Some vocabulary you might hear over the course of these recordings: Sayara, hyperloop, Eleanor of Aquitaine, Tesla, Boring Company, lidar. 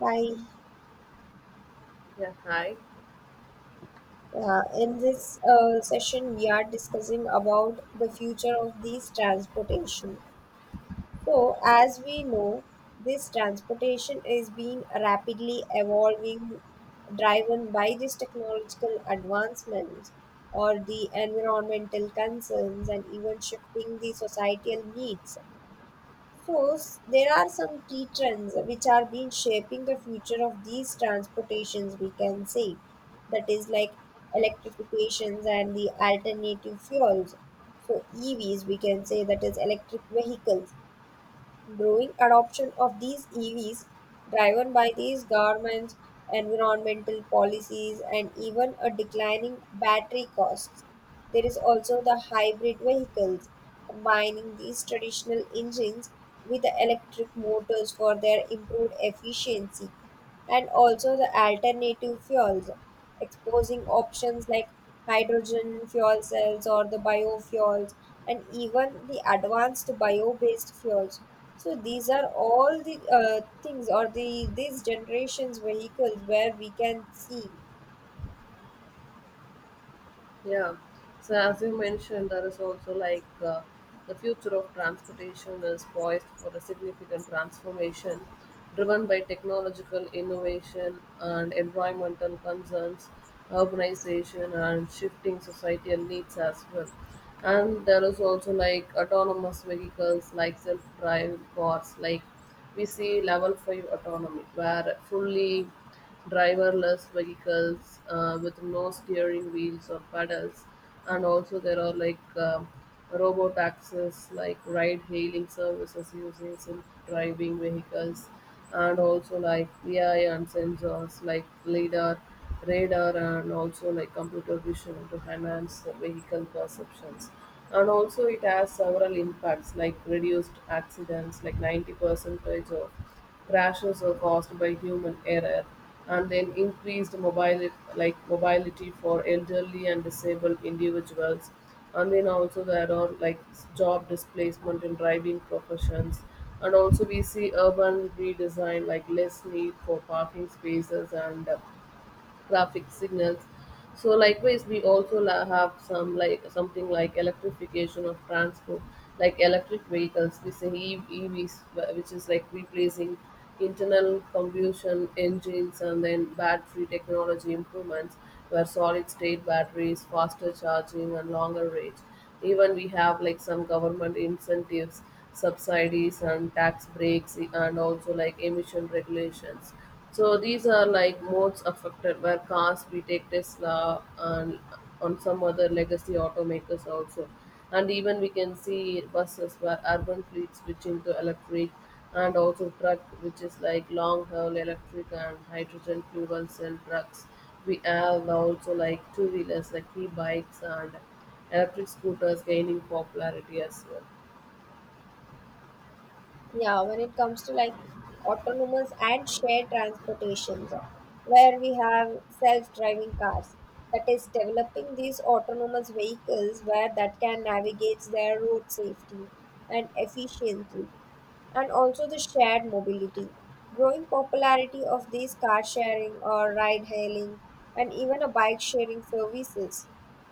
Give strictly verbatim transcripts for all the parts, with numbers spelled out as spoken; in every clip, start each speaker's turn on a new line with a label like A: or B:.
A: Hi.
B: Yeah, hi.
A: Uh, in this uh, session, we are discussing about the future of these transportation. So, as we know, this transportation is being rapidly evolving, driven by these technological advancements or the environmental concerns and even shifting the societal needs. First, there are some key trends which are being shaping the future of these transportations, we can say. That is like electrifications and the alternative fuels. So E Vs, we can say that is electric vehicles. Growing adoption of these E Vs, driven by these governments, environmental policies, and even a declining battery costs. There is also the hybrid vehicles, combining these traditional engines with the electric motors for their improved efficiency and also the alternative fuels, exposing options like hydrogen fuel cells or the biofuels, and even the advanced bio-based fuels. So these are all the uh, things or the these generations vehicles where we can see.
B: Yeah. So as you mentioned, there is also like uh, the future of transportation is poised for a significant transformation driven by technological innovation and environmental concerns, urbanization, and shifting societal needs as well. And there is also like autonomous vehicles like self-driving cars, like we see level five autonomy where fully driverless vehicles uh, with no steering wheels or pedals, and also there are like um, robo taxis like ride hailing services using self driving vehicles, and also like ai and sensors like lidar radar, and also like computer vision to enhance the vehicle perceptions. And also it has several impacts like reduced accidents like 90 percent of crashes are caused by human error, and then increased mobili- like mobility for elderly and disabled individuals. And then also there are like job displacement in driving professions, and also we see urban redesign like less need for parking spaces and uh, graphic signals. So likewise, we also la- have some like something like electrification of transport, like electric vehicles, we say E- EVs, wh- which is like replacing internal combustion engines, and then battery technology improvements where solid state batteries, faster charging, and longer range. Even we have like some government incentives, subsidies, and tax breaks, and also like emission regulations, so these are like modes affected where cars, we take Tesla and on some other legacy automakers also. And even we can see buses where urban fleets switching to electric, and also truck which is like long haul electric and hydrogen fuel cell trucks. We have also like two wheelers like e-bikes and electric scooters gaining popularity as well.
A: Yeah, when it comes to like autonomous and shared transportations, uh, where we have self-driving cars, that is developing these autonomous vehicles where that can navigate their road safely and efficiently and also the shared mobility. Growing popularity of these car sharing or ride hailing and even a bike sharing services.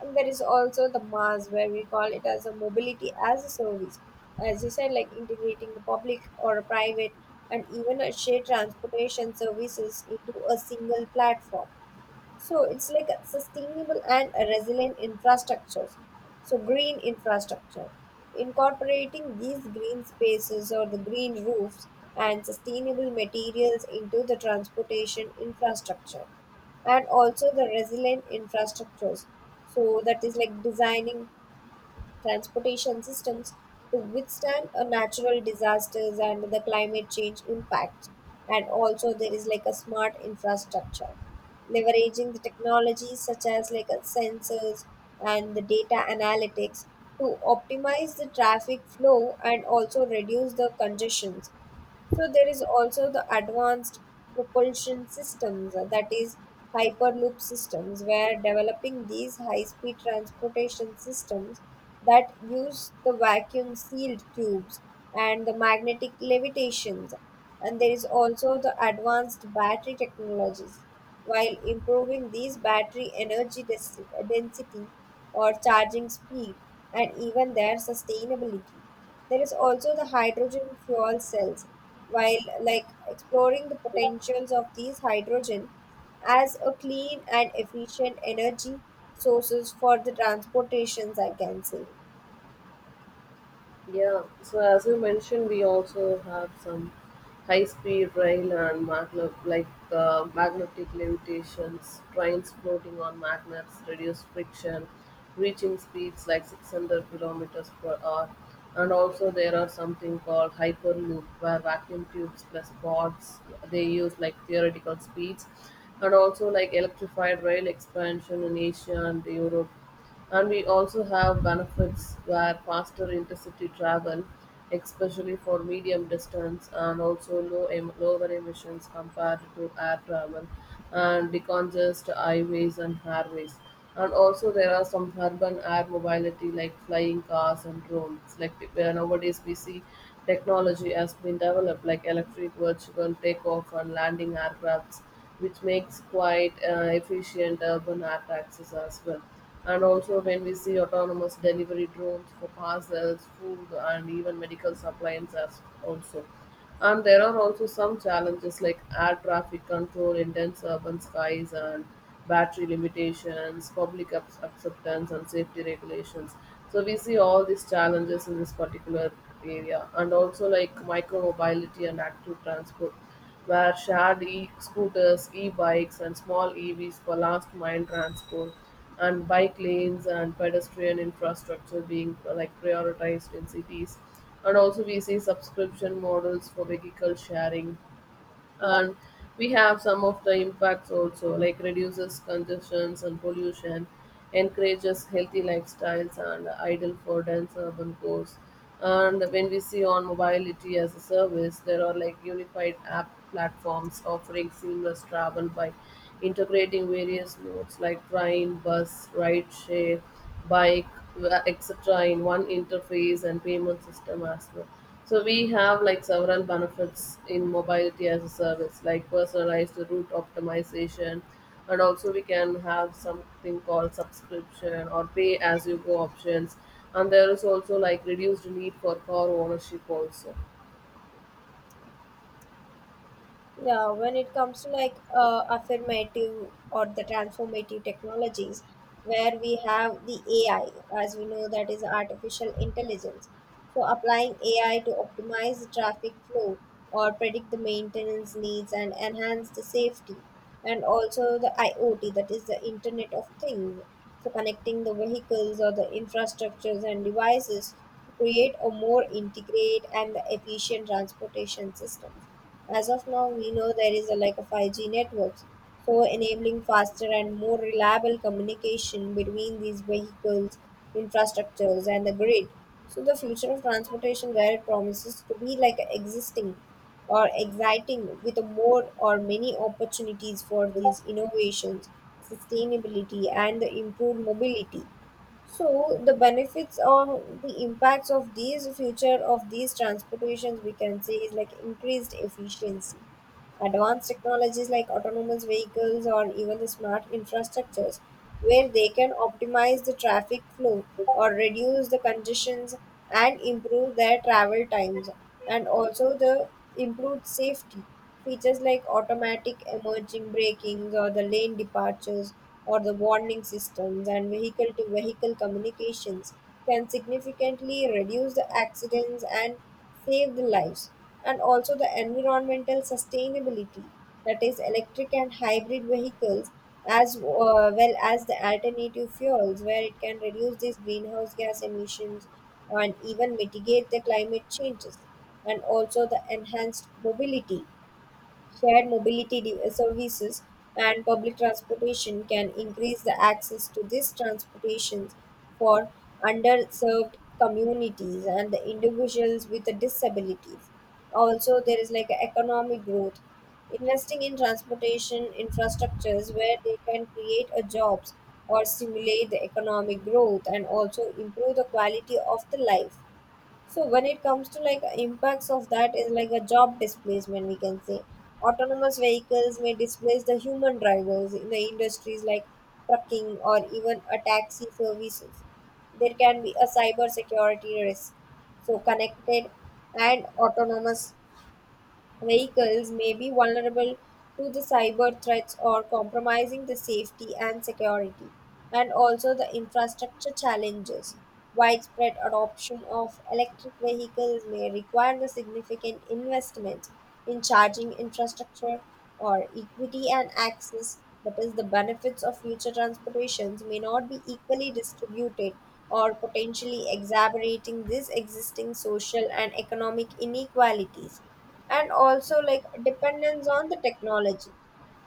A: And there is also the MaaS where we call it as a mobility as a service. As you said, like integrating the public or a private and even a shared transportation services into a single platform. So it's like a sustainable and a resilient infrastructures. So green infrastructure, incorporating these green spaces or the green roofs and sustainable materials into the transportation infrastructure and also the resilient infrastructures. So that is like designing transportation systems to withstand a natural disasters and the climate change impacts. And also there is like a smart infrastructure, leveraging the technologies such as like a sensors and the data analytics to optimize the traffic flow and also reduce the congestions. So there is also the advanced propulsion systems, uh, that is hyperloop systems, where developing these high-speed transportation systems that use the vacuum-sealed tubes and the magnetic levitations. And there is also the advanced battery technologies. While improving these battery energy des- density or charging speed and even their sustainability. There is also the hydrogen fuel cells. While like exploring the potentials of these hydrogen as a clean and efficient energy sources for the transportations, I can say.
B: Yeah, so as you mentioned, we also have some high-speed rail and magnet, like uh, magnetic levitations, trains floating on magnets, reduce friction, reaching speeds like six hundred kilometers per hour. And also there are something called hyperloop, where vacuum tubes plus pods, they use like theoretical speeds. And also like electrified rail expansion in Asia and Europe, and we also have benefits where faster intercity travel, especially for medium distance, and also low em- lower emissions compared to air travel, and decongest highways and highways. And also there are some urban air mobility like flying cars and drones. Like where nowadays we see technology has been developed like electric virtual takeoff and landing aircrafts, which makes quite uh, efficient urban air taxis as well, and also, when we see autonomous delivery drones for parcels, food, and even medical supplies, as also. And there are also some challenges like air traffic control, intense urban skies, and battery limitations, public ac- acceptance, and safety regulations. So we see all these challenges in this particular area, and also like micromobility and active transport, where shared e-scooters, e-bikes, and small E Vs for last mile transport, and bike lanes and pedestrian infrastructure being uh, like prioritized in cities, and also we see subscription models for vehicle sharing, and we have some of the impacts also like reduces congestions and pollution, encourages healthy lifestyles, and idle for dense urban cores. And when we see on mobility as a service, there are like unified app platforms offering seamless travel by integrating various modes like train, bus, ride share, bike, etc. in one interface and payment system as well. So we have like several benefits in mobility as a service, like personalized route optimization, and also we can have something called subscription or pay as you go options. And there is also like reduced need for car ownership also.
A: Yeah, when it comes to like uh, affirmative or the transformative technologies, where we have the A I, as we know that is artificial intelligence. So applying A I to optimize the traffic flow or predict the maintenance needs and enhance the safety, and also the IoT, that is the Internet of Things. So connecting the vehicles or the infrastructures and devices to create a more integrated and efficient transportation systems. As of now, we know there is a, like a five G networks, so enabling faster and more reliable communication between these vehicles, infrastructures, and the grid. So the future of transportation, where it promises to be like existing or exciting with a more or many opportunities for these innovations, sustainability, and the improved mobility. So the benefits or the impacts of these future of these transportations we can say is like increased efficiency. Advanced technologies like autonomous vehicles or even the smart infrastructures where they can optimize the traffic flow or reduce the congestions and improve their travel times and also the improved safety. Features like automatic emerging brakings or the lane departures or the warning systems and vehicle to vehicle communications can significantly reduce the accidents and save the lives. And also the environmental sustainability, that is electric and hybrid vehicles as uh, well as the alternative fuels where it can reduce these greenhouse gas emissions and even mitigate the climate changes, and also the enhanced mobility, shared mobility de- services and public transportation can increase the access to these transportations for underserved communities and the individuals with the disabilities. Also there is like economic growth, investing in transportation infrastructures where they can create a jobs or stimulate the economic growth and also improve the quality of the life. So when it comes to like impacts of that is like a job displacement, we can say autonomous vehicles may displace the human drivers in the industries like trucking or even a taxi services. There can be a cyber security risk. So connected and autonomous vehicles may be vulnerable to the cyber threats or compromising the safety and security, and also the infrastructure challenges. Widespread adoption of electric vehicles may require the significant investment in charging infrastructure or equity and access. That is, the benefits of future transportations may not be equally distributed or potentially exacerbating these existing social and economic inequalities, and also like dependence on the technology,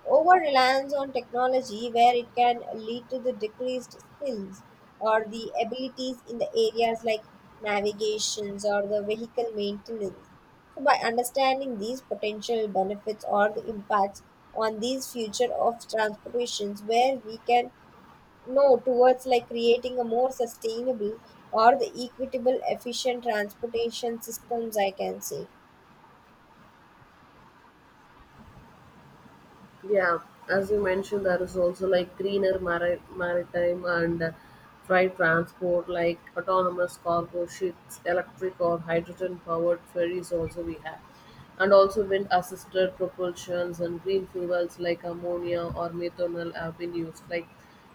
A: over reliance on technology where it can lead to the decreased skills or the abilities in the areas like navigations or the vehicle maintenance. So by understanding these potential benefits or the impacts on these future of transportations where we can know towards like creating a more sustainable or the equitable efficient transportation systems, I can say.
B: Yeah, as you mentioned, there is also like greener mari- maritime and uh, freight transport, like autonomous cargo ships, electric or hydrogen powered ferries also we have. And also wind assisted propulsions and green fuels like ammonia or methanol have been used. Like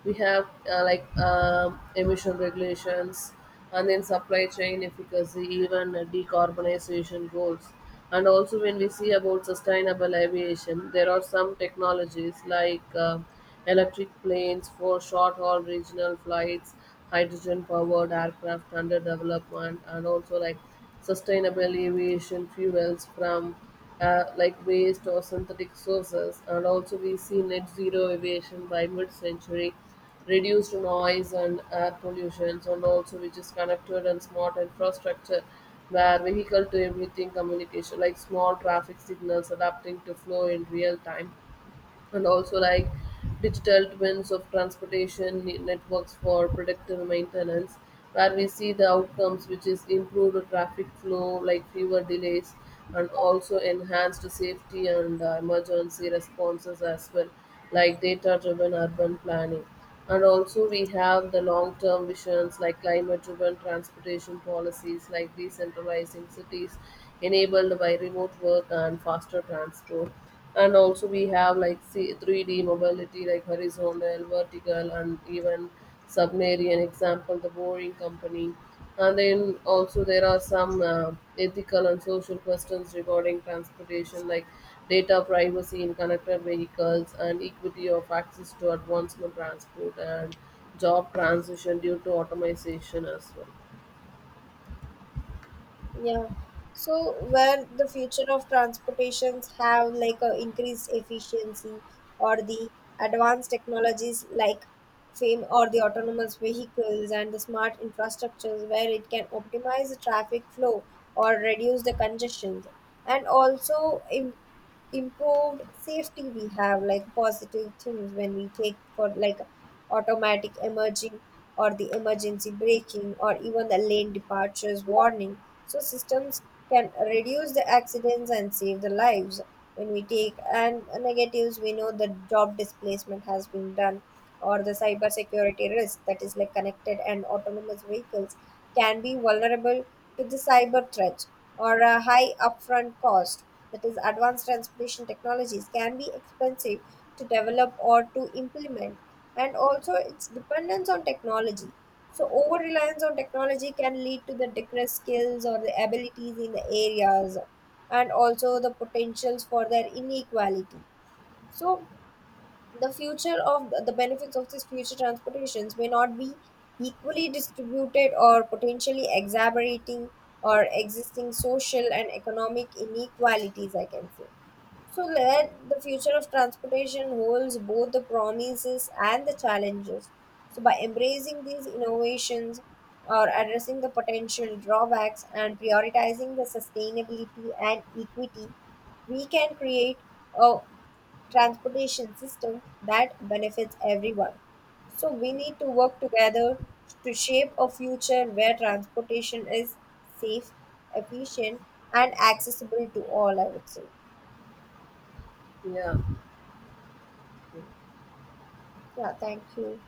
B: we have uh, like um, emission regulations, and then supply chain efficacy, even uh, decarbonization goals. And also when we see about sustainable aviation, there are some technologies like uh, electric planes for short haul regional flights, hydrogen powered aircraft under development, and also like sustainable aviation fuels from uh, like waste or synthetic sources. And also we see net zero aviation by mid-century, reduced noise and air pollution, and also which is connected and smart infrastructure where vehicle to everything communication like small traffic signals adapting to flow in real time, and also like digital twins of transportation ne- networks for predictive maintenance, where we see the outcomes which is improved traffic flow like fewer delays, and also enhanced safety and uh, emergency responses as well, like data driven urban planning. And also we have the long-term visions like climate-driven transportation policies like decentralizing cities enabled by remote work and faster transport. And also we have like C- three D mobility like horizontal, vertical, and even submarine, example the Boring Company. And then also there are some uh, ethical and social questions regarding transportation, like data privacy in connected vehicles, and equity of access to advancement transport, and job transition due to automation as well.
A: Yeah. So where the future of transportations have like a increased efficiency or the advanced technologies like fame or the autonomous vehicles and the smart infrastructures where it can optimize the traffic flow or reduce the congestions, and also im- improved safety, we have like positive things when we take for like automatic emerging or the emergency braking or even the lane departures warning, so systems can reduce the accidents and save the lives. When we take and negatives, we know the job displacement has been done, or the cybersecurity risk, that is like connected and autonomous vehicles can be vulnerable to the cyber threats or a high upfront cost. That is, advanced transportation technologies can be expensive to develop or to implement, and also its dependence on technology. So, over reliance on technology can lead to the decreased skills or the abilities in the areas, and also the potentials for their inequality. So, the future of the benefits of this future transportations may not be equally distributed or potentially exacerbating or existing social and economic inequalities, I can say. So let the future of transportation holds both the promises and the challenges. So by embracing these innovations or addressing the potential drawbacks and prioritizing the sustainability and equity, we can create a transportation system that benefits everyone. So we need to work together to shape a future where transportation is safe, efficient, and accessible to all, I would say.
B: Yeah.
A: Yeah, thank you.